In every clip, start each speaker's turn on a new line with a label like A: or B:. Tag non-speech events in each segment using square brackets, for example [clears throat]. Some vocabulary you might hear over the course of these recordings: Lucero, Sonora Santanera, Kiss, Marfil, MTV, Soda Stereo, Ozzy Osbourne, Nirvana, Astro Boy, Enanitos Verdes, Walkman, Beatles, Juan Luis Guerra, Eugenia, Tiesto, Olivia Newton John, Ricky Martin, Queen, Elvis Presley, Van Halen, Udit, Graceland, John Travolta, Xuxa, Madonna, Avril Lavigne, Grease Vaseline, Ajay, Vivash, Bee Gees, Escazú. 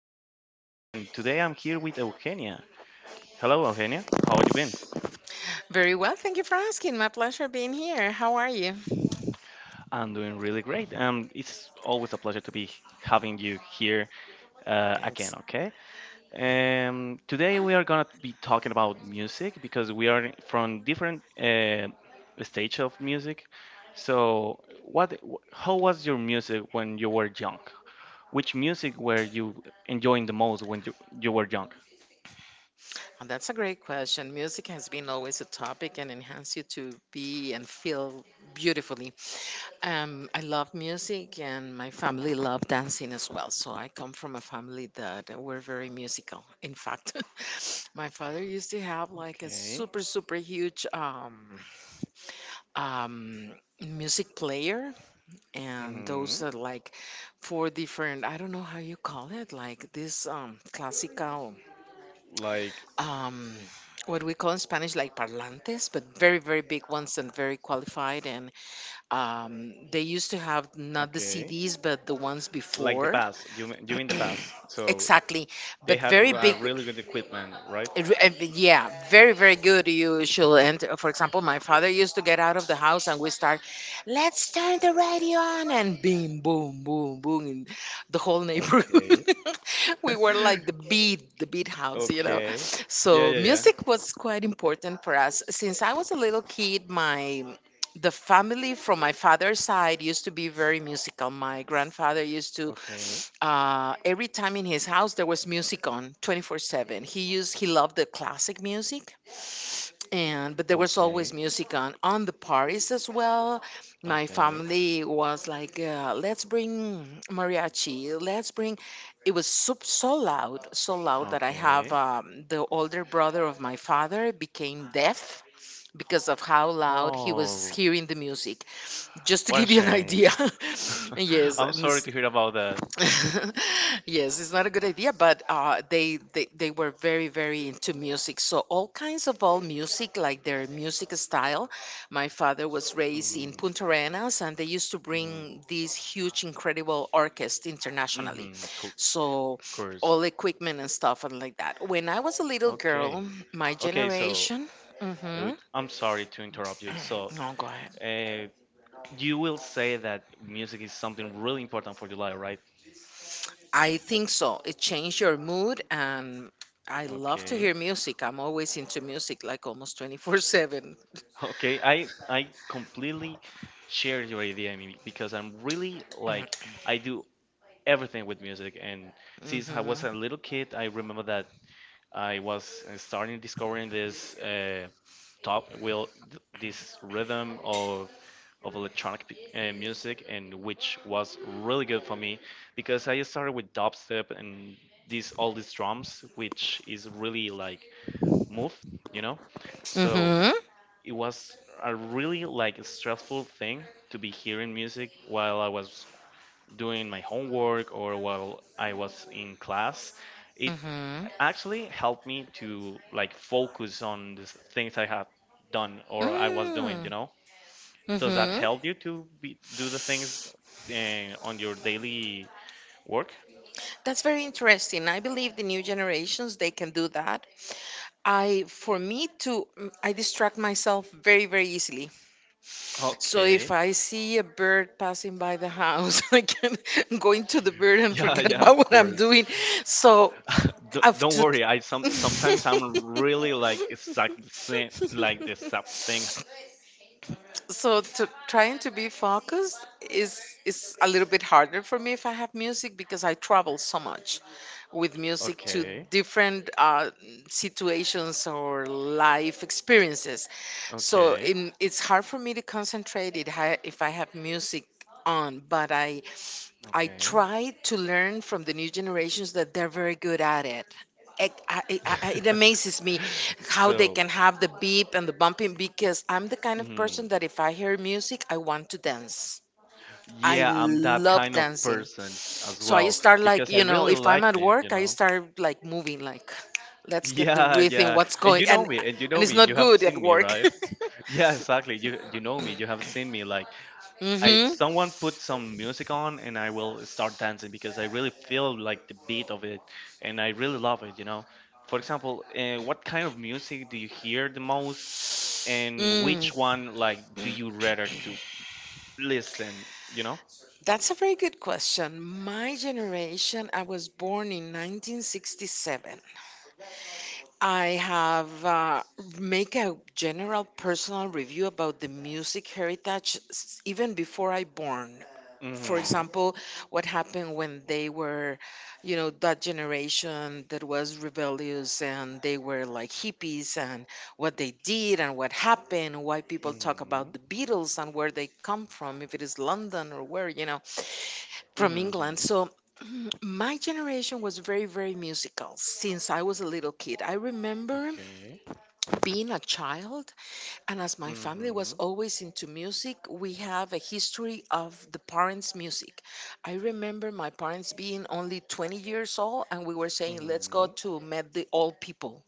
A: Jose, and today I'm here with Eugenia. Hello, Eugenia. How have you been?
B: Very well. Thank you for asking. My pleasure being here. How are you?
A: I'm doing really great. It's always a pleasure to be having you here again.
B: Thanks.
A: Okay. Today we are gonna be talking about music because we are from different stage of music. So, how was your music when you were young? Which music were you enjoying the most when you were young?
B: Well, that's a great question. Music has been always a topic and enhance you to be and feel beautifully. I love music and my family love dancing as well. So I come from a family that were very musical. In fact, [laughs] my father used to have like a
A: Okay.
B: super, super huge um, music player, and those
A: Hmm.
B: are like four different, I don't know how you call it, like this classical
A: Like
B: um what we call in Spanish, like parlantes, but very, very big ones and very qualified. And they used to have not the
A: okay,
B: CDs but the ones
A: like the
B: before.
A: bass. You mean- you
B: [clears throat]
A: mean the bass? So
B: Exactly,
A: they
B: but
A: had a,
B: very
A: r- a
B: big.
A: really good equipment, right?
B: Yeah, very, very good usually. And for example, my father used to get out of the house and we start, let's turn the radio on, and boom boom boom boom in the whole neighborhood.
A: Okay.
B: [laughs] We were like the beat house,
A: Okay. Yeah,
B: so
A: yeah, yeah.
B: music was quite important for us since I was a little kid. My The family from my father's side used to be very musical. My grandfather used to,
A: Okay.
B: every time in his house there was music on 24/7. He loved the classic music, and but there was always
A: Okay.
B: music on the parties as well. My
A: Okay.
B: family was like, let's bring mariachi, let's bring. It was so, so loud that I have
A: Okay.
B: the older brother of my father became deaf because of how loud he was
A: Oh,
B: hearing the music, just to
A: what a
B: give you an idea.
A: shame.
B: [laughs]
A: [laughs]
B: yes
A: I'm
B: and
A: sorry to
B: s-
A: hear about that.
B: [laughs] yes, it's not a good idea, but they were very, very into music. So all kinds of, all music, like their music style. My father was raised in
A: Mm,
B: Punta Arenas, and they used to
A: mm,
B: bring these huge, incredible orchestra internationally.
A: mm-hmm,
B: So
A: of course.
B: all equipment and stuff, and like that when I was a little girl,
A: Okay.
B: my
A: Okay, so
B: generation. Hmm.
A: I'm sorry to interrupt you. So,
B: [clears throat] No, go ahead.
A: uh, you will say that music is something really important for your life, right?
B: I think so. It changed your mood, and I love to
A: Okay.
B: hear music. I'm always into music like almost 24/7.
A: Okay, I completely share your idea, I mean, because I'm really like I do everything with music, and since I was a
B: Mhm.
A: little kid, I remember that I was starting discovering this top will this rhythm of electronic music, and which was really good for me because I started with dubstep and these all these drums, which is really like move, you know. So
B: Mhm.
A: it was a really like stressful thing to be hearing music while I was doing my homework or while I was in class, it
B: Mhm.
A: actually helped me to like focus on the things I had done or I was doing, you
B: Mm.
A: know? Does that
B: Mhm.
A: help you to be, do the things on your daily work?
B: That's very interesting. I believe the new generations, they can do that. I for me to I distract myself very, very easily. So if
A: Okay. [laughs]
B: I see a bird passing by the house, [laughs] I can go into the bird and
A: Yeah,
B: forget
A: yeah,
B: about
A: of
B: what I'm
A: course.
B: doing. So
A: [laughs] Don't
B: I've
A: don't
B: to
A: worry. I sometimes I'm really like exact the same, like the exact thing.
B: [laughs] so to trying to be focused is a little bit harder for me if I have music, because I travel so much with music to
A: Okay,
B: different situations or life experiences.
A: okay,
B: It's hard for me to concentrate, if I have music on. But I
A: okay.
B: try to learn from the new generations that they're very good at it. It amazes me
A: [laughs]
B: how they
A: So,
B: can have the beep and the bumping, because I'm the kind of person that if I hear music, I want to dance. I
A: yeah, I'm that
B: love
A: kind of
B: dancing.
A: person as
B: So I
A: well
B: start like,
A: because I really
B: if I'm
A: like
B: at
A: it, you
B: work, I
A: know. [laughs]
B: start like moving, like, let's get the
A: Yeah,
B: rhythm,
A: yeah.
B: what's
A: And
B: going.
A: you know
B: and
A: me,
B: and it's
A: you
B: not
A: have
B: good at
A: seen me,
B: work.
A: right? [laughs] Yeah, exactly. You know me, you have seen me, like
B: [laughs]
A: I
B: Mm-hmm.
A: someone put some music on and I will start dancing because I really feel like the beat of it and I really love it, you know. For example, what kind of music do you hear the most and
B: Mm.
A: which one like do you rather to listen, you know?
B: That's a very good question. My generation, I was born in 1967. I have make a general personal review about the music heritage, even before I born. For
A: Mhm.
B: example, what happened when they were, that generation that was rebellious and they were like hippies, and what they did and what happened. Why people talk about
A: Mhm.
B: the Beatles and where they come from, if it is London or where, from
A: Mm-hmm.
B: England. So [clears throat] my generation was very, very musical since I was a little kid. I remember
A: Okay.
B: being a child, and as my family was
A: Mm-hmm.
B: always into music, we have a history of the parents music. I remember my parents being only 20 years old, and we were saying let's go
A: Mm-hmm.
B: to meet the old people,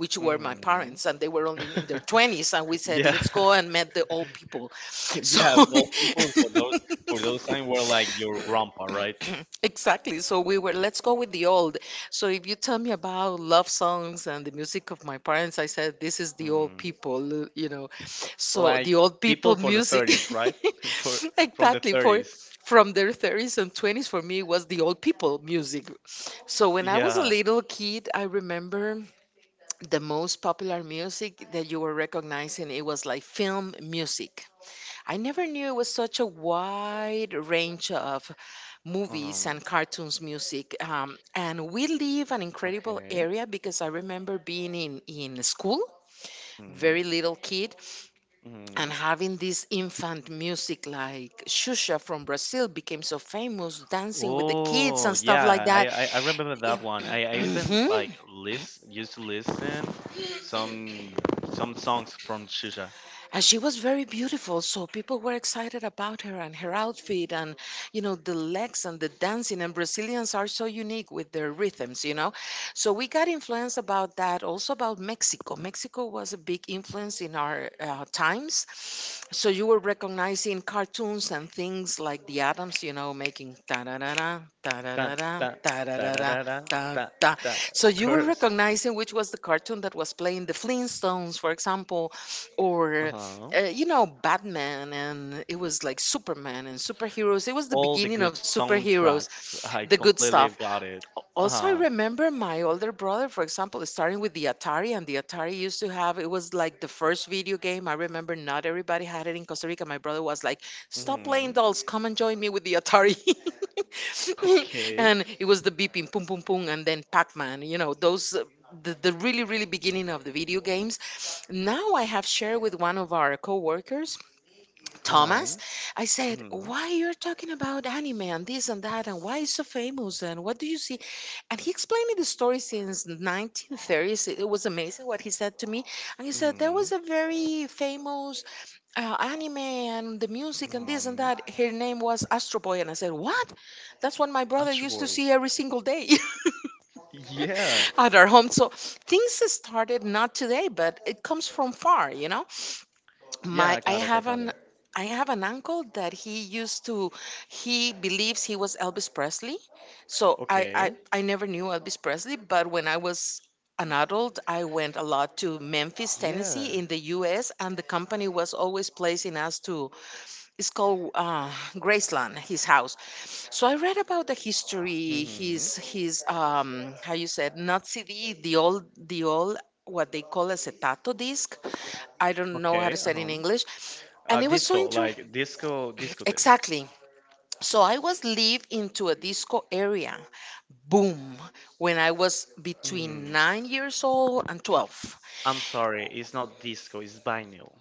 B: which were my
A: Mm-hmm.
B: parents, and they were only in their 20s. And we
A: [laughs]
B: said,
A: Yeah.
B: let's go and
A: [laughs]
B: meet the old people. [laughs]
A: Yeah.
B: So,
A: Well, people for those time were like your grandpa, right?
B: [clears throat] exactly. So we were, let's go with the old. So if you tell me about love songs and the music of my parents, I said, this is the old
A: Mm.
B: people. So
A: Like
B: the old
A: people
B: people
A: for the
B: music.
A: 30s, right? [laughs] For
B: [laughs]
A: From the
B: Exactly. For
A: 30s.
B: from their 30s and 20s for me was the old people music. So when I was a
A: Yeah.
B: little kid, I remember the most popular music that you were recognizing, it was like film music. I never knew it was such a wide range of movies
A: Um.
B: and cartoons music. And we live an incredible
A: Okay.
B: area because I remember being in school,
A: Mm.
B: very little kid, and
A: Mm.
B: having this infant music like Xuxa from Brazil became so famous, dancing with the kids
A: Oh,
B: and stuff
A: yeah.
B: like
A: I,
B: that.
A: I I remember that one. I even like
B: [clears throat]
A: list used to listen some some songs from Shisha.
B: And she was very beautiful, so people were excited about her and her outfit. And the legs and the dancing, and Brazilians are so unique with their rhythms. So we got influence about that, also about Mexico. Mexico was a big influence in our times. So you were recognizing cartoons and things like the Adams, making ta da da da ta da da
A: Dun,
B: da
A: dun,
B: ta da
A: da
B: da
A: da
B: da
A: da da
B: ta
A: da
B: ta.
A: da.
B: So
A: Of
B: you were
A: course.
B: recognizing which was the cartoon that was playing, the Flintstones for example.
A: Uh
B: Or
A: huh.
B: Batman. And it was like Superman and superheroes. It was the
A: All the
B: beginning of
A: good
B: superheroes,
A: soundtracks. I
B: the good stuff.
A: completely got it. Uh
B: Also I
A: huh.
B: remember my older brother, for example, starting with the Atari. And the Atari used to have, it was like the first video game. I remember not everybody had it in Costa Rica. My brother was like, stop playing
A: Mm-hmm.
B: dolls, come and join me with the Atari. [laughs]
A: Okay.
B: And it was the beeping pum pum pum. And then Pac-Man, those the really, really beginning of the video games. Now I have shared with one of our coworkers, Thomas.
A: Um.
B: I said,
A: Mm-hmm.
B: why you're talking about anime and this and that and why it's so famous and what do you see? And he explained me the story since 1930s. It was amazing what he said to me. And he said there
A: Mm-hmm.
B: was a very famous anime and the music and this and
A: Mm-hmm.
B: that. Her name was Astro Boy. And I said, what? That's what my brother
A: Astro
B: used to
A: Boy.
B: see every single day. [laughs]
A: Yeah.
B: [laughs] At our home. So things started not today, but it comes from far,
A: Yeah.
B: my
A: I
B: i
A: got it. I
B: have
A: got
B: an
A: it.
B: i have an uncle that he used to he believes he was Elvis Presley. So i i,
A: Okay.
B: I never knew Elvis Presley. But when I was an adult, I went a lot to Memphis,
A: Yeah.
B: Tennessee, in the US. And the company was always placing us to, it's called Graceland, his house. So I read about the history,
A: Mm-hmm.
B: his how you said, not CD, the old what they call acetato disc. I don't know how to
A: Okay.
B: say it in English, and it was so
A: Disco.
B: interesting.
A: Like disco. Disco disc.
B: Exactly. So I was live into a disco area. Boom, when I was between
A: Mm-hmm.
B: 9 years old and 12.
A: I'm sorry. It's not disco. It's vinyl.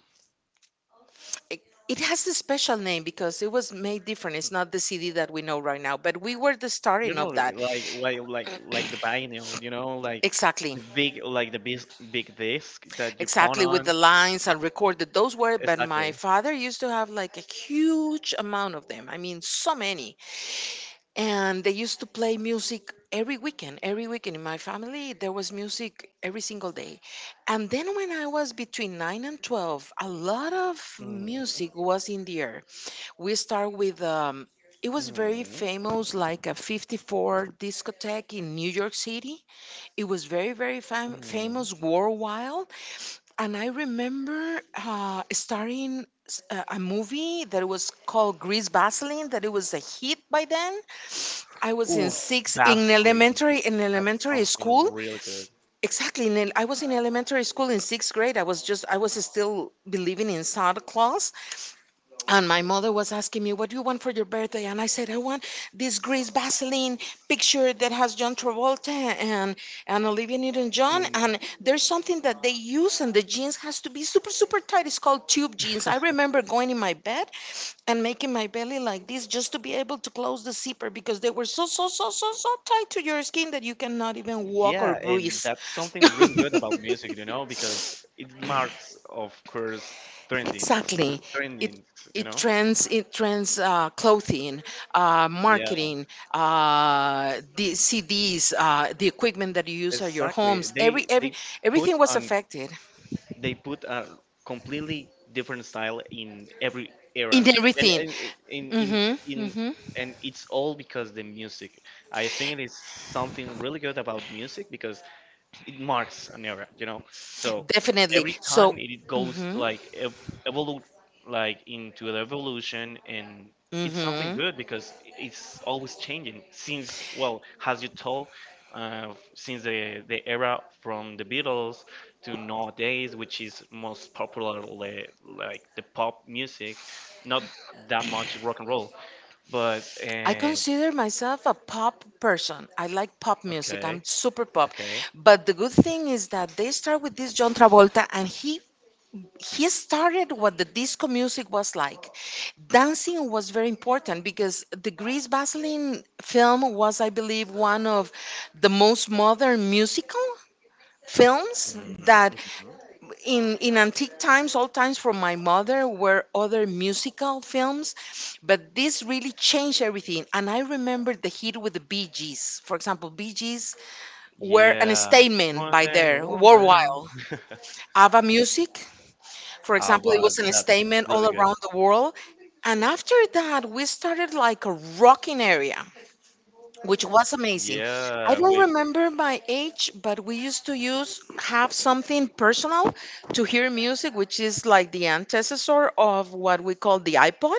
B: It, it has a special name because it was made different. It's not the CD that we know right now, but we were the
A: No,
B: starting
A: no,
B: of that.
A: like
B: [clears throat]
A: the vinyl, you know, like
B: Exactly.
A: the big, like the big big disc that you pawn
B: Exactly, with
A: on.
B: the lines and recorded, those were. But my
A: Exactly.
B: father used to have like a huge amount of them, I mean, so many. And they used to play music every weekend. Every weekend in my family there was music every single day. And then when I was between 9 and 12, a lot of
A: Mm-hmm,
B: music was in the air. We start with it was very
A: mm-hmm,
B: famous like a 54 discotheque in New York City. It was very, very
A: mm-hmm.
B: famous worldwide. And I remember a movie that was called Grease Vaseline, that it was a hit by then. I was in
A: Oof,
B: sixth,
A: Vaseline.
B: in
A: That's
B: elementary
A: something
B: school.
A: really good.
B: Exactly, I was in elementary school in sixth grade. I was still believing in Santa Claus, and my mother was asking me, what do you want for your birthday? And I said, I want this Grease Vaseline picture that has John Travolta and Olivia Newton John.
A: Mhm.
B: And there's something that they use, and the jeans has to be super, super tight. It's called tube jeans. I remember going in my bed and making my belly like this just to be able to close the zipper because they were so, so, so, so, so tight to your skin that you cannot even walk or
A: Yeah,
B: breathe. [laughs]
A: and that's something really good about music, you know, because it marks, of course, trendings,
B: Exactly. It
A: trendings, you
B: it
A: know.
B: trends clothing,
A: Yeah,
B: marketing, the CDs, the equipment that you use at your
A: exactly.
B: homes. Every
A: They
B: every
A: they put
B: everything was
A: on
B: affected
A: they put a completely different style in every era,
B: in
A: and,
B: everything.
A: and it-
B: Mhm.
A: in
B: Mhm.
A: and it's all because the music. I think it is something really good about music because it marks an era, you know. So
B: Definitely.
A: every
B: So.
A: time it goes
B: Mhm.
A: like evolute, like into the evolution, and it's something
B: Mhm.
A: good because it's always changing. Since well, as you told, since the era from the Beatles to nowadays, which is most popular like the pop music, not that much rock and roll, but
B: I consider myself a pop person. I like pop music. I'm
A: okay,
B: super pop.
A: okay.
B: But the good thing is that they start with this John Travolta, and he started what the disco music was like. Dancing was very important because the Grease Vaseline film was, I believe, one of the most modern musical films
A: Mhm,
B: that
A: mhm.
B: in antique times, old times from my mother, were other musical films. But this really changed everything, and I remember the hit with the Bee Gees. For example, Bee Gees were an
A: Yeah,
B: statement
A: more
B: by
A: than a
B: their worldwide
A: woman.
B: ava music. For
A: Ah,
B: example, it
A: but
B: was an
A: that's
B: statement
A: really
B: all around
A: good.
B: the world. And after that, we started like a rocking area, which was amazing. I
A: Yeah,
B: don't
A: with
B: remember my age, but we used to use have something personal to hear music, which is like the antecessor of what we call the iPod,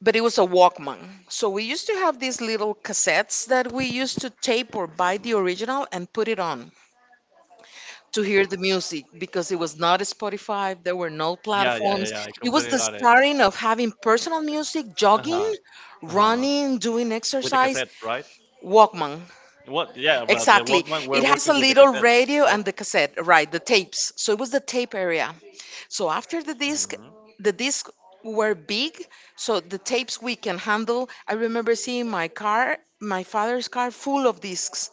B: but it was a Walkman. So we used to have these little cassettes that we used to tape or buy the original and put it on to hear the music because it was not Spotify. There were no
A: yeah, yeah, yeah,
B: platforms.
A: yeah. I
B: It was
A: completely
B: the
A: got it.
B: starting of having personal music,
A: Uh
B: jogging,
A: huh. Uh huh.
B: running, doing
A: With the
B: exercise.
A: cassettes, right?
B: Walkman.
A: What? Yeah, but the
B: Exactly.
A: Walkman.
B: It
A: We're
B: has a
A: working with the
B: little
A: cassettes,
B: radio
A: right?
B: and the cassette, right? The tapes. So it was the tape area. So after
A: Hmm.
B: the disc were big, so the tapes we can handle. I remember seeing my father's car full of discs.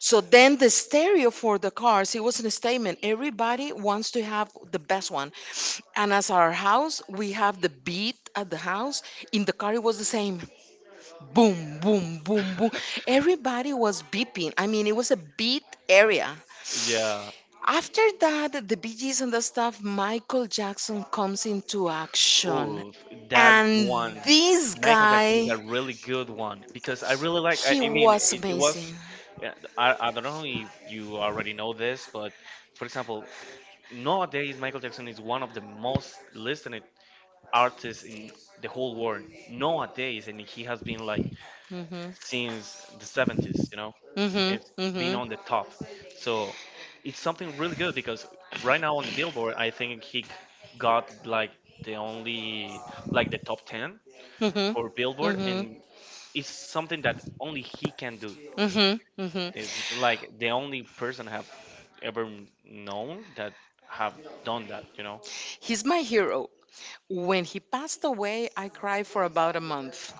B: So then the stereo for the cars, it was a statement. Everybody wants to have the best one. And as our house, we have the beat at the house. In the car, it was the same. Boom, boom, boom, boom. Everybody was beeping. I mean, it was a beat area.
A: Yeah.
B: After that, the Bee Gees and the stuff, Michael Jackson comes into action.
A: Oh, that
B: And
A: one.
B: this
A: Michael Jackson is
B: guy,
A: a really good one because I really like. I,
B: he
A: I mean,
B: was
A: it was.
B: amazing.
A: Yeah, I don't know if you already know this, but for example, nowadays Michael Jackson is one of the most listened artists in the whole world nowadays, and he has been like
B: Hmm.
A: since the 70s, you know,
B: Hmm.
A: and been on the
B: Hmm.
A: top. So it's something really good because right now on the Billboard, I think he got like the only, like the top 10
B: Mm-hmm.
A: for Billboard,
B: Mm-hmm.
A: and it's something that only he can do.
B: Mm-hmm. Mm-hmm.
A: It's like the only person have ever known that have done that, you know.
B: He's my hero. When he passed away, I cried for about a month.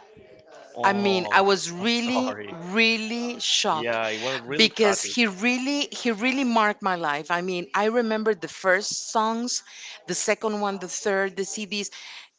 B: I mean,
A: Oh,
B: I was
A: [laughs] I'm
B: really,
A: sorry.
B: really shocked
A: Yeah, it was really
B: because
A: tragic.
B: he really marked my life. I mean, I remember the first songs, the second one, the third, the CDs.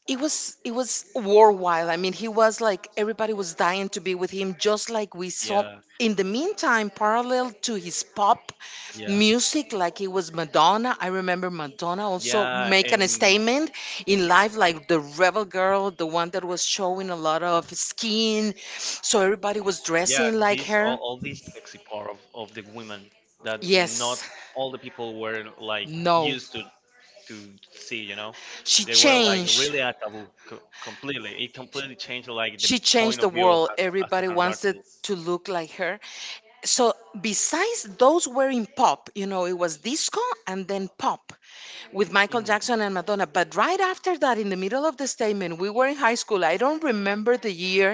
B: It was worldwide. I mean, he was like everybody was dying to be with him, just like we saw.
A: Yeah,
B: In the meantime, parallel to his pop
A: yeah,
B: music, like he was Madonna. I remember Madonna also
A: yeah,
B: making a
A: and
B: statement in
A: ex-
B: life, like the rebel girl, the one that was showing a lot of skin. So everybody was
A: yeah,
B: dressing like
A: these all,
B: her.
A: these sexy part of the women that not
B: Yes,
A: all the people were like
B: no.
A: used to see, you know.
B: She
A: They were like
B: changed.
A: really a taboo completely. It completely changed like the
B: She changed
A: point
B: the
A: of view of
B: world.
A: as
B: Everybody
A: an
B: wants it
A: artist.
B: to look like her. So besides those were in pop, you know, it was disco and then pop with Michael Jackson
A: Mm-hmm.
B: and Madonna. But right after that, in the middle of the statement, we were in high school. I don't remember the year.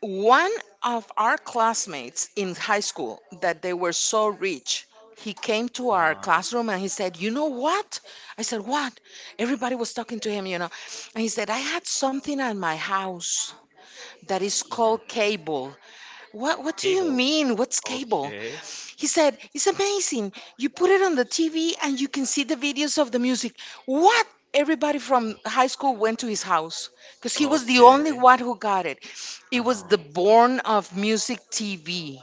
B: One of our classmates in high school that they were so rich, he came to our
A: Uh-huh.
B: classroom and he said, "You know what?" I said, "What?" Everybody was talking to him, you know. And he said, "I had something at my house that is called
A: Hmm.
B: cable." What? What do you
A: Cable.
B: mean? What's cable?
A: Okay.
B: He said, "It's amazing. You put it on the TV and you can see the videos of the music." What? Everybody from high school went to his house because he was the
A: Okay.
B: only one who got it. It was
A: Uh-huh.
B: the born of music TV,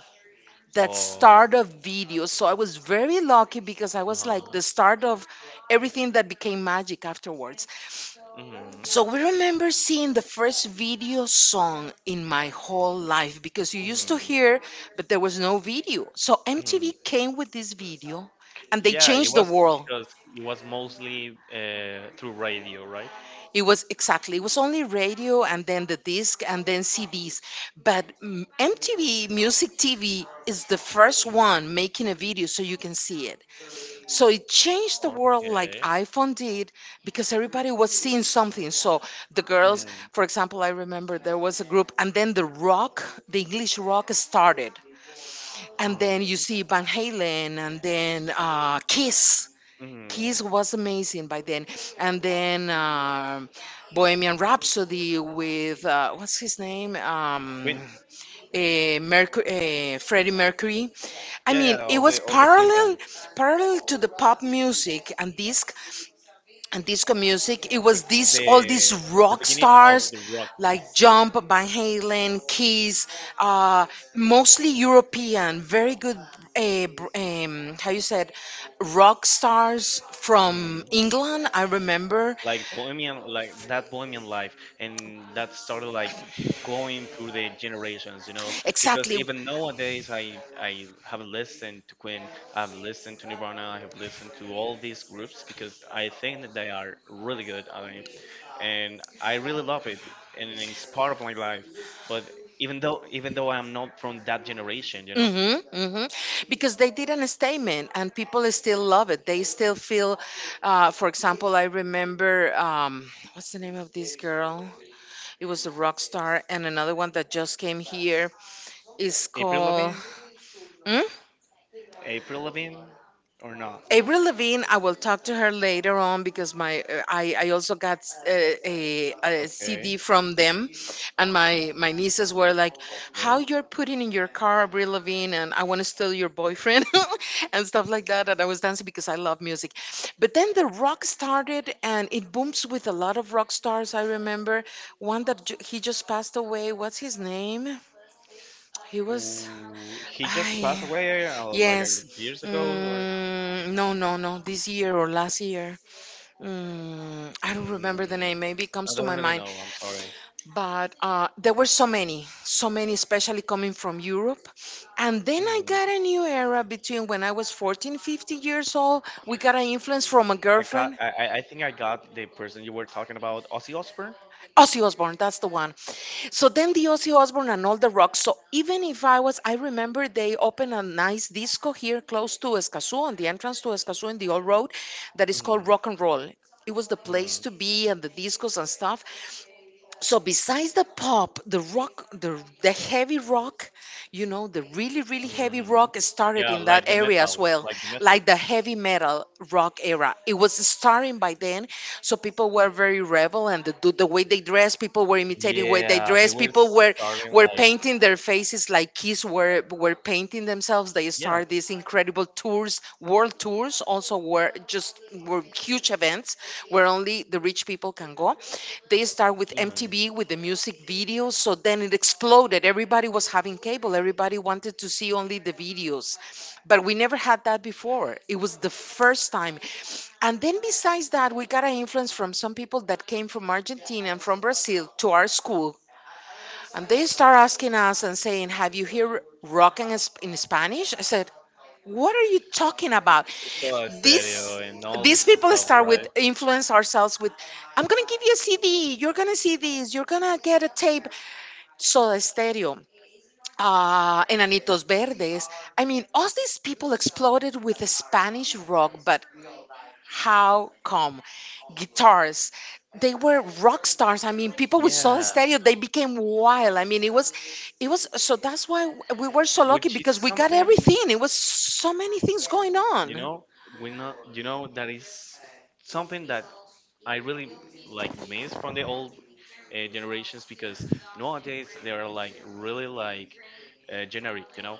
B: that
A: Oh.
B: start of video. So I was very lucky because I was like
A: Uh-huh.
B: the start of everything that became magic afterwards.
A: Hmm.
B: So we remember seeing the first video song in my whole life because you used to hear, but there was no video. So
A: Hmm.
B: MTV came with this video and they
A: Yeah, it
B: changed the
A: was
B: world.
A: because it was mostly through radio, right?
B: It was exactly, it was only radio and then the disc and then CDs. But MTV Music TV is the first one making a video so you can see it. So it changed the world like
A: Okay.
B: iPhone did because everybody was seeing something. So the girls,
A: Mm,
B: for example, I remember there was a group, and then the rock, the English rock started. And then you
A: mm,
B: see Van Halen, and then Kiss. Kiss
A: mm.
B: was amazing by then. And then Bohemian Rhapsody with, what's his name?
A: Queen.
B: Mercury, Freddie Mercury. I
A: Yeah,
B: mean,
A: yeah,
B: it
A: all the
B: was
A: all the Queen band.
B: parallel to the pop music and disco music. It
A: The
B: was this
A: the,
B: all these
A: the
B: rock
A: beginning of
B: stars
A: the rock.
B: like Jump, Van Halen, Kiss, uh, mostly European, very good. How you said rock stars
A: Mm,
B: from
A: mm.
B: England? I remember
A: Like bohemian, like that bohemian life, and that started like going through the generations, you know, because
B: exactly.
A: even nowadays I have listened to Queen. I've listened to Nirvana, I have listened to all these groups because I think that they are really good. And I really love it and it's part of my life. But even though I'm not from that generation, you know.
B: Hmm. Hmm. Because they did an statement and people still love it. They still feel, for example, I remember, what's the name of this girl? It was a rock star, and another one that just came here is
A: april
B: called.
A: Lavigne,
B: Hmm?
A: april Lavigne, or not
B: Avril Lavigne, I will talk to her later on because my I also got uh, a
A: okay,
B: CD from them, and my nieces were like,
A: okay.
B: "How you're putting in your car Avril Lavigne and I want to steal your boyfriend [laughs] and stuff like that." And I was dancing because I love music. But then the rock started and it booms with a lot of rock stars. I remember one that he just passed away. What's his name? He was.
A: Ooh, he just passed
B: I
A: away like
B: Yes.
A: years ago, or
B: Mm, no, no, no. This year or last year. I don't remember the
A: mm,
B: name. Maybe it
A: I
B: comes to
A: don't
B: my
A: really
B: mind.
A: know. I'm sorry.
B: But there were so many, so many, especially coming from Europe. And then I got
A: Mhm.
B: a new era between when I was 14, 15 years old. We got an influence from a
A: I got.
B: girlfriend.
A: I think I got the person you were talking about, Ozzy Osbourne.
B: Ozzy Osbourne, that's the one. So then the Ozzy Osbourne and all the rock. So even if I was, I remember they opened a nice disco here close to Escazú, on the entrance to Escazú in the old road, that is called
A: Hmm.
B: Rock and Roll. It was the place
A: Hmm.
B: to be and the discos and stuff. So besides the pop, the rock, the heavy rock, the really really heavy
A: Hmm.
B: rock started
A: Yeah,
B: in that
A: like the
B: area
A: metal,
B: as well,
A: like the metal.
B: like the heavy metal rock era. It was starting by then, so people were very rebel and the way they dress, people were imitating way they
A: Yeah, they
B: dress.
A: were
B: People were
A: starting
B: were
A: like,
B: painting their faces like kids were painting themselves. They
A: yeah,
B: started these incredible tours, world tours. Also were huge events where only the rich people can go. They start with
A: hmm,
B: MTV with the music videos, so then it exploded. Everybody was having cable. Everybody wanted to see only the videos. But we never had that before. It was the first time. And then besides that, we got an influence from some people that came from Argentina and from Brazil to our school. And they start asking us and saying, "Have you heard rock in, in Spanish?" I said, "What are you talking about?"
A: so stereo
B: These
A: and all
B: these
A: this
B: people
A: stuff,
B: start with
A: right?
B: influence ourselves with, "I'm gonna give you a CD, you're gonna see this, you're gonna get a tape, Soda Stereo, Enanitos Verdes." I mean, all these people exploded with Spanish rock, but how come? Guitars. They were rock stars. I mean, people with Soda
A: Yeah,
B: Stereo, they became wild. I mean, so that's why we were so lucky
A: which
B: because
A: is
B: we got
A: something.
B: everything. It was so many things going
A: You
B: on.
A: know, we know. You know that is something that I really like miss from the old generations because nowadays they are like really like generic. You know,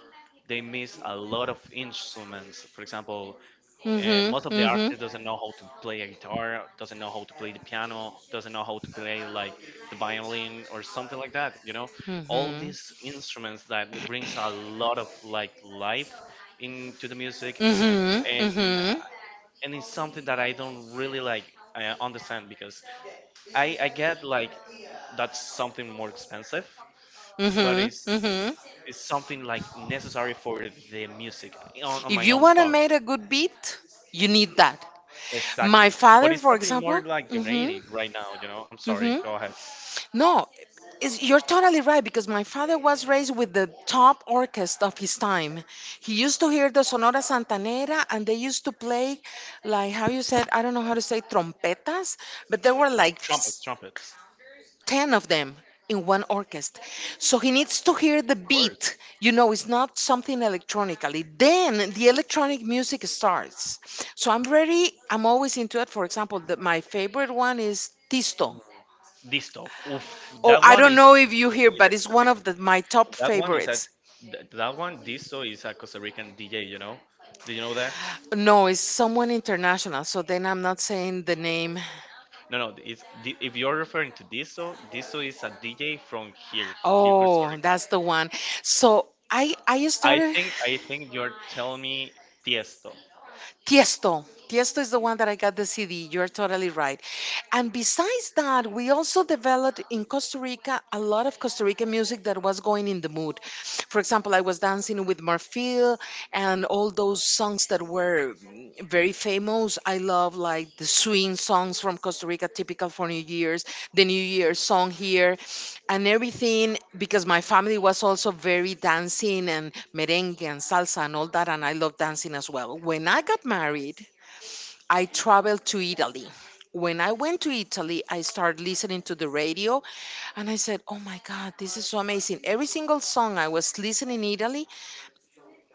A: they miss a lot of instruments. For example,
B: Mhm.
A: and most of the
B: Mhm.
A: artists doesn't know how to play a guitar, doesn't know how to play the piano, doesn't know how to play like the violin or something like that, you know, all
B: Mhm.
A: these instruments that brings a lot of like life into the music.
B: Mhm.
A: and
B: Mhm.
A: and it's something that I don't really like understand because I get like that's something more expensive, but
B: Mhm.
A: it's
B: Mhm.
A: it's something like necessary for the music, on
B: If
A: my
B: you
A: own
B: wanna
A: thought.
B: make a good beat, you need that.
A: Exactly.
B: My
A: But
B: father,
A: it's
B: for
A: something more
B: example.
A: like
B: Mhm.
A: generic right now, you know? I'm sorry,
B: Mhm.
A: go ahead.
B: No, is you're totally right because my father was raised with the top orchestra of his time. He used to hear the Sonora Santanera and they used to play, like, how you said, I don't know how to say trompetas, but they were like
A: Trumpets, trumpets.
B: 10 of them in one orchestra. So he needs to hear the
A: Of course.
B: beat. You know, it's not something electronically. Then the electronic music starts. So I'm always into it. For example, my favorite one is Tisto.
A: Mm. Disto. Oof.
B: Oh,
A: That
B: I
A: one
B: don't
A: is
B: know if you
A: is a,
B: hear,
A: is a
B: but it's
A: Costa
B: one
A: Rican.
B: of my top
A: That one is a
B: favorites.
A: that one Disto is a Costa Rican DJ, you know? Do you know that?
B: No, it's someone international. So then I'm not saying the name.
A: No, no, it's if you're referring to Disto, Disto is a DJ from here Costa
B: Oh,
A: Rica.
B: that's the one. So I
A: I
B: started.
A: think I think you're telling me Tiesto.
B: Tiesto. Tiesto is the one that I got the CD. You're totally right. And besides that, we also developed in Costa Rica a lot of Costa Rican music that was going in the mood. For example, I was dancing with Marfil and all those songs that were very famous. I love like the swing songs from Costa Rica, typical for New Year's, the New Year's song here, and everything, because my family was also very dancing and merengue and salsa and all that. And I love dancing as well. When I got married, I traveled to Italy. When I went to Italy, I started listening to the radio, and I said, oh my god, this is so amazing. Every single song I was listening in Italy,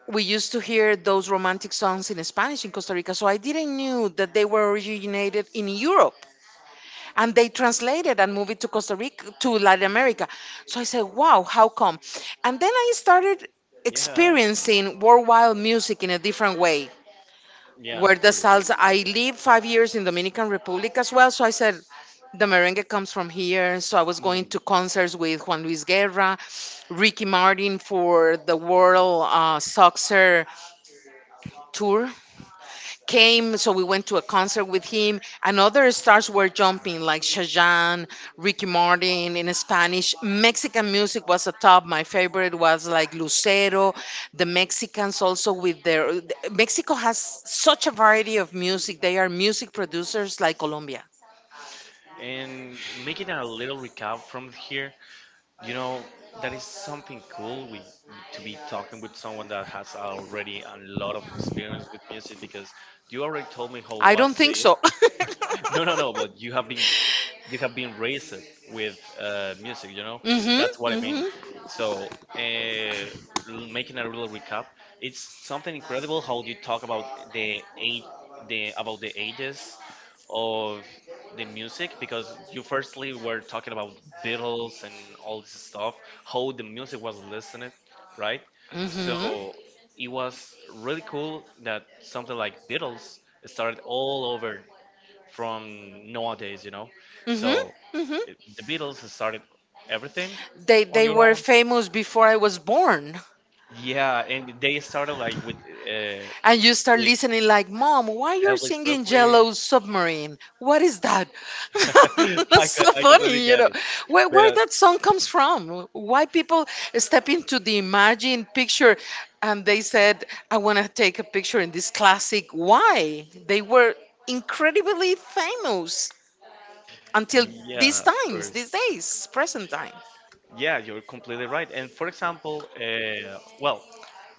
B: we used to hear those romantic songs in Spanish in Costa Rica, so I didn't knew that they were originated in Europe, and they translated and moved it to Costa Rica to Latin America. So I said, "Wow, how come?" And then I started
A: Yeah.
B: experiencing worldwide music in a different way.
A: Yeah, of
B: Where the
A: course.
B: salsa, I lived 5 years in Dominican Republic as well, so I said the merengue comes from here. So I was going
A: Mm.
B: to concerts with Juan Luis Guerra, Ricky Martin for the World, Soccer tour came, so we went to a concert with him, and other stars were jumping like Shajan, Ricky Martin. In Spanish Mexican music was a top, my favorite was like Lucero. The Mexicans also with their, Mexico has such a variety of music. They are music producers like Colombia.
A: And making a little recap from here, you know, that is something cool we to be talking with someone that has already a lot of experience with music because you already told me how
B: I don't
A: was
B: think
A: it.
B: so. [laughs]
A: No, no, no. But you have been raised with music. You know
B: Mhm.
A: that's what I mean.
B: Mhm.
A: So uh, making a little recap, it's something incredible how you talk about the age, the about the ages of the music because you firstly were talking about Beatles and all this stuff, how the music was listened, right? So
B: Mhm.
A: it was really cool that something like Beatles started all over from nowadays, you know. So
B: Mhm. Mhm.
A: the Beatles started everything
B: they
A: on
B: they
A: your
B: were
A: own.
B: famous before I was born.
A: Yeah, and they started like
B: And you start
A: with
B: listening like, Mom, why you're
A: Elvis
B: singing
A: Presley.
B: Yellow Submarine? What is that?
A: [laughs]
B: [laughs] That's so
A: I completely
B: funny, you
A: got
B: know.
A: it.
B: Where,
A: But
B: where that song comes from? Why people step into the imagine picture, and they said, I want to take a picture in this classic. Why? They were incredibly famous until these
A: yeah, of
B: times,
A: course.
B: these days, present time.
A: Yeah, you're completely right. And for example, well,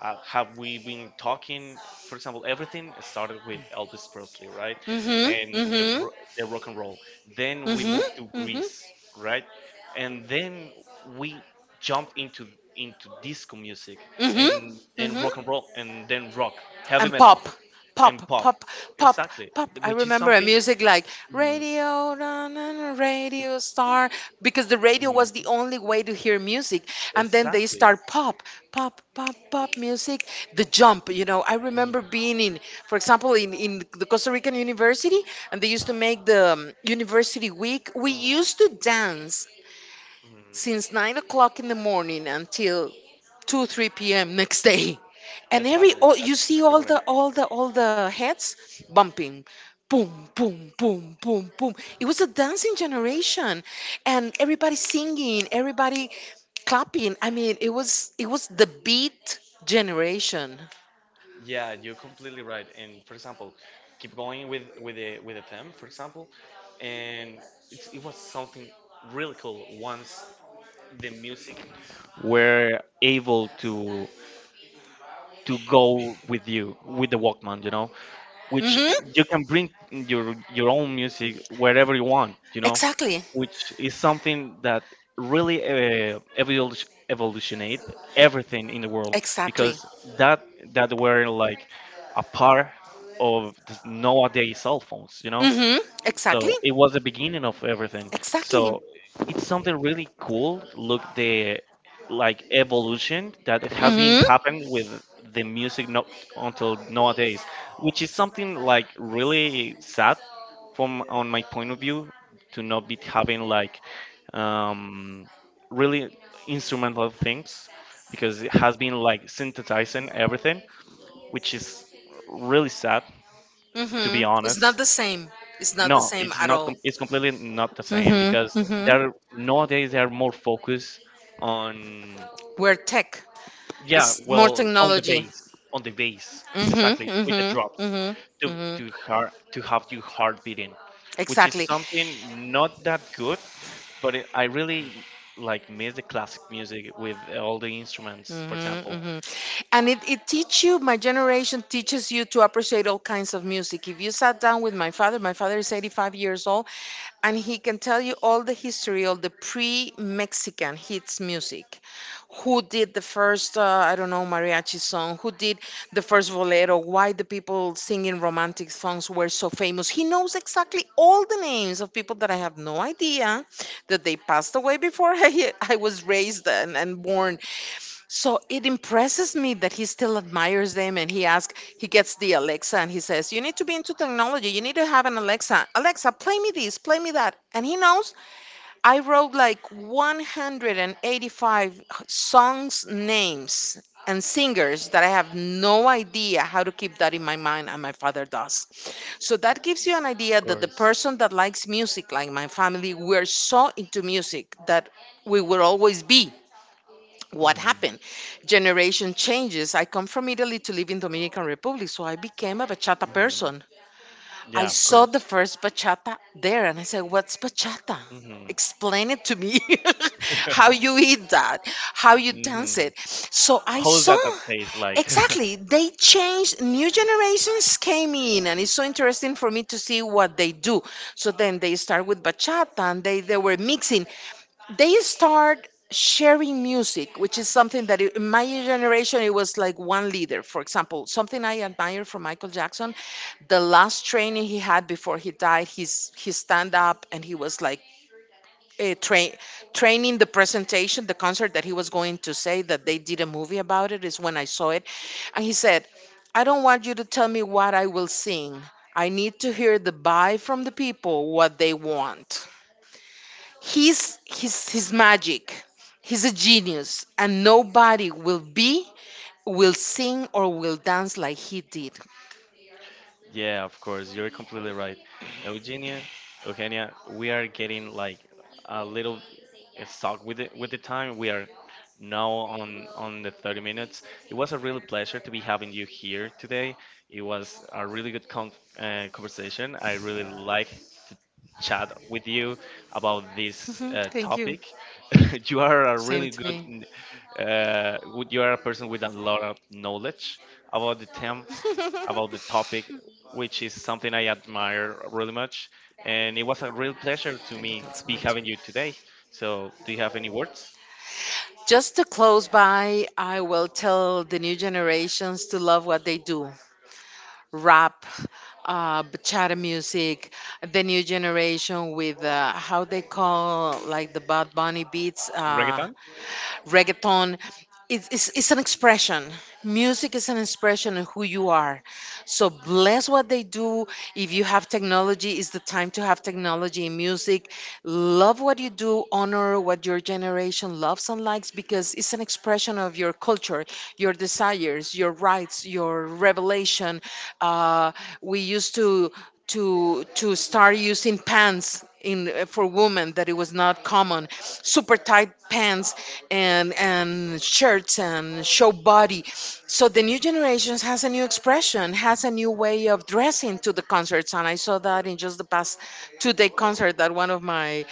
A: have we been talking? For example, everything started with Elvis Presley, right?
B: Mm-hmm,
A: And the,
B: mm-hmm,
A: ro- the rock and roll. Then we
B: mm-hmm,
A: moved to
B: mm-hmm,
A: Greece, right? And then we jumped into disco music,
B: mm-hmm,
A: and then
B: mm-hmm.
A: rock and roll, and then rock, heavy
B: And
A: metal,
B: pop,
A: and
B: pop,
A: pop.
B: pop, pop,
A: Exactly,
B: pop. I
A: which is
B: remember a
A: something.
B: music like
A: Mhm,
B: radio na, na, na, radio star, because the radio was
A: mhm.
B: the only way to hear music. And then they
A: Exactly.
B: start pop, pop, pop, pop music. The jump. I remember
A: Mhm,
B: being in, for example, in the Costa Rican university, and they used to make the university week. We used to dance
A: mhm.
B: since 9 o'clock in the morning until 2 3 p.m next day. And every,
A: Exactly.
B: all you
A: That's
B: see,
A: exactly
B: all
A: what I
B: the
A: meant.
B: all the all the heads bumping, boom boom boom boom boom. It was a dancing generation, and everybody singing, everybody clapping. I mean, it was the beat generation.
A: Yeah, you're completely right. And for example, keep going with the theme, for example, and it was something really cool once the music were able to go with you with the Walkman, you know, which you
B: Mm-hmm.
A: can bring your own music wherever you want, you know,
B: Exactly.
A: which is something that really evolutionate everything in the world
B: Exactly.
A: because that that were like a part of this nowadays cell phones, you know,
B: Hmm. Exactly.
A: so it was the beginning of everything.
B: Exactly.
A: So it's something really cool. Look the like evolution that it has been
B: Hmm.
A: happened with the music. No, until nowadays, which is something like really sad from on my point of view to not be having like um, really instrumental things because it has been like synthesizing everything, which is really sad to
B: Hmm.
A: be
B: It's not
A: honest.
B: the same. It's not the
A: No,
B: same
A: it's
B: at
A: not.
B: all.
A: It's completely not the same because
B: Mm-hmm. Mm-hmm.
A: they're nowadays they are more focused on,
B: Where tech
A: yeah,
B: is more
A: well,
B: technology.
A: on the bass,
B: Mm-hmm.
A: exactly with the drops
B: Mm-hmm. Mm-hmm.
A: to
B: Mm-hmm.
A: to heart, to have your heart beating, which is
B: Exactly.
A: something not that good, but I really like miss the classic music with all the instruments, for
B: Mm-hmm,
A: example.
B: mm-hmm. And it teach you, my generation teaches you to appreciate all kinds of music. If you sat down with my father is 85 years old, and he can tell you all the history of the pre-Mexican hits music. Who did the first, I don't know, mariachi song? Who did the first bolero? Why the people singing romantic songs were so famous? He knows exactly all the names of people that I have no idea that they passed away before [laughs] I was raised and born. So it impresses me that he still admires them, and he gets the Alexa, and he says, You need to be into technology. You need to have an Alexa. Alexa, play me this, play me that. And he knows I wrote like 185 songs, names, and singers that I have no idea how to keep that in my mind, and my father does. So that gives you an idea
A: Of
B: that the
A: course.
B: person that likes music, like my family, we're so into music that we will always be. What
A: Hmm.
B: happened? Generation changes. I come from Italy to live in Dominican Republic, so I became a bachata
A: Hmm.
B: person. I
A: Yeah, of
B: saw the
A: course.
B: first bachata there, and I said, what's bachata?
A: Hmm.
B: Explain it to me. [laughs] How you eat that? How you dance
A: Hmm.
B: it? So I
A: How's
B: saw,
A: that taste like? [laughs]
B: exactly, they changed. New generations came in, and it's so interesting for me to see what they do. So then they start with bachata, and they were mixing. They start sharing music, which is something that in my generation it was like one leader. For example, something I admire from Michael Jackson, the last training he had before he died, he stand up, and he was like, uh, train training the presentation, the concert that he was going to say that they did a movie about it, is when I saw it. And he said, I don't want you to tell me what I will sing. I need to hear the buy from the people, what they want. He's magic. He's a genius, and nobody will sing, or will dance like he did. [laughs]
A: Yeah, of course. You're completely right. Eugenia, Eugenia, we are getting like a little stuck with the time. We are now on the 30 minutes. It was a real pleasure to be having you here today. It was a really good conversation. I really like to chat with you about this
B: Mhm. Thank you.
A: topic. [laughs] You are a
B: Same
A: really
B: to
A: good
B: me.
A: uh, you are a person with a lot of knowledge about the theme, about the
B: [laughs]
A: topic, which is something I admire really much. And it was a real pleasure to
B: Thank you,
A: me
B: thanks so
A: be
B: much.
A: having you today. So, do you have any words?
B: Just to close by, I will tell the new generations to love what they do, rap, bachata music, the new generation with how they call like the Bad Bunny beats.
A: Reggaeton?
B: Reggaeton, it's an expression. Music is an expression of who you are, so bless what they do. If you have technology, it's the time to have technology in music. Love what you do, honor what your generation loves and likes, because it's an expression of your culture, your desires, your rights, your revelation. uh, we used to start using pants in, for women, that it was not common, super tight pants and shirts, and show body. So the new generations has a new expression, has a new way of dressing to the concerts, and I saw that in just the past 2-day concert that one of my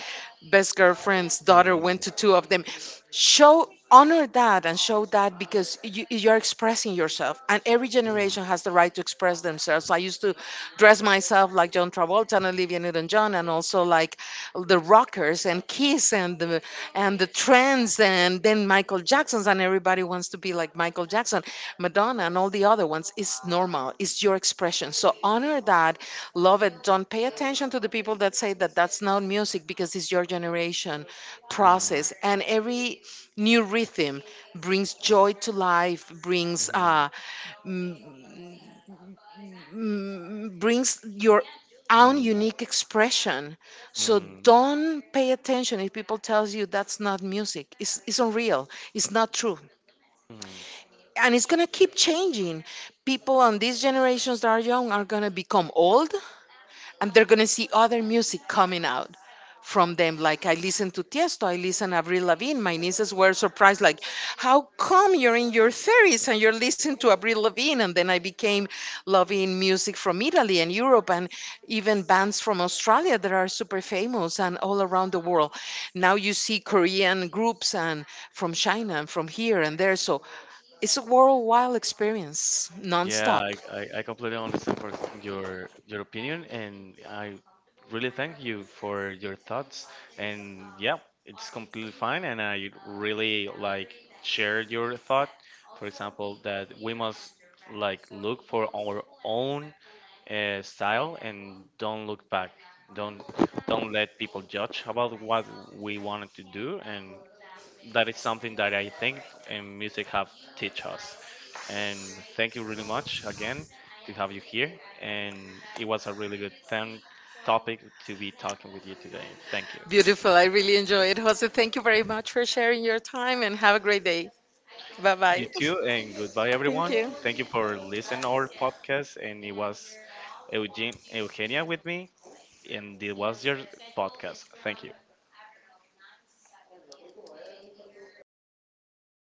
B: best girlfriend's daughter went
A: Mm,
B: to two of them. Show honor that and show that, because you're expressing yourself, and every generation has the right to express themselves. So I used to dress myself like John Travolta and Olivia Newton-John, and also like the rockers and Kiss, and the trends, and then Michael Jackson's, and everybody wants to be like Michael Jackson, Madonna, and all the other ones. It's normal. It's your expression. So honor that, love it. Don't pay attention to the people that say that that's not music, because it's your generation
A: mm,
B: process. And every new rhythm brings
A: mm,
B: joy to life, brings
A: mm,
B: brings your own
A: mm,
B: unique expression. So
A: mm,
B: don't pay attention if people tells you that's not music. It's unreal. It's not true.
A: mm.
B: And it's going to keep changing. People on these generations that are young are going to become old, and they're gonna see other music coming out from them. Like I listen to Tiesto, I listen to Avril Lavigne. My nieces were surprised, like, how come you're in your 30s and you're listening to Avril Lavigne? And then I became loving music from Italy and Europe, and even bands from Australia that are super famous and all around the world. Now you see Korean groups, and from China and from here and there. So it's a worldwide experience,
A: Yeah,
B: nonstop.
A: I completely understand for your opinion, and I really thank you for your thoughts. And yeah, it's completely fine, and I really like share your thought. For example, that we must like look for our own style and don't look back. Don't don't let people judge about what we wanted to do, and that is something that I think music have teach us. And thank you really much again to have you here. And it was a really good thing topic to be talking with you today. Thank you.
B: Beautiful. I really enjoyed it. Jose, thank you very much for sharing your time and have a great day. Bye
A: You
B: bye.
A: too, and goodbye
B: [laughs] Thank
A: everyone.
B: you.
A: Thank you for listening our podcast. And it was Eugene Eugenia with me, and it was your podcast. Thank you.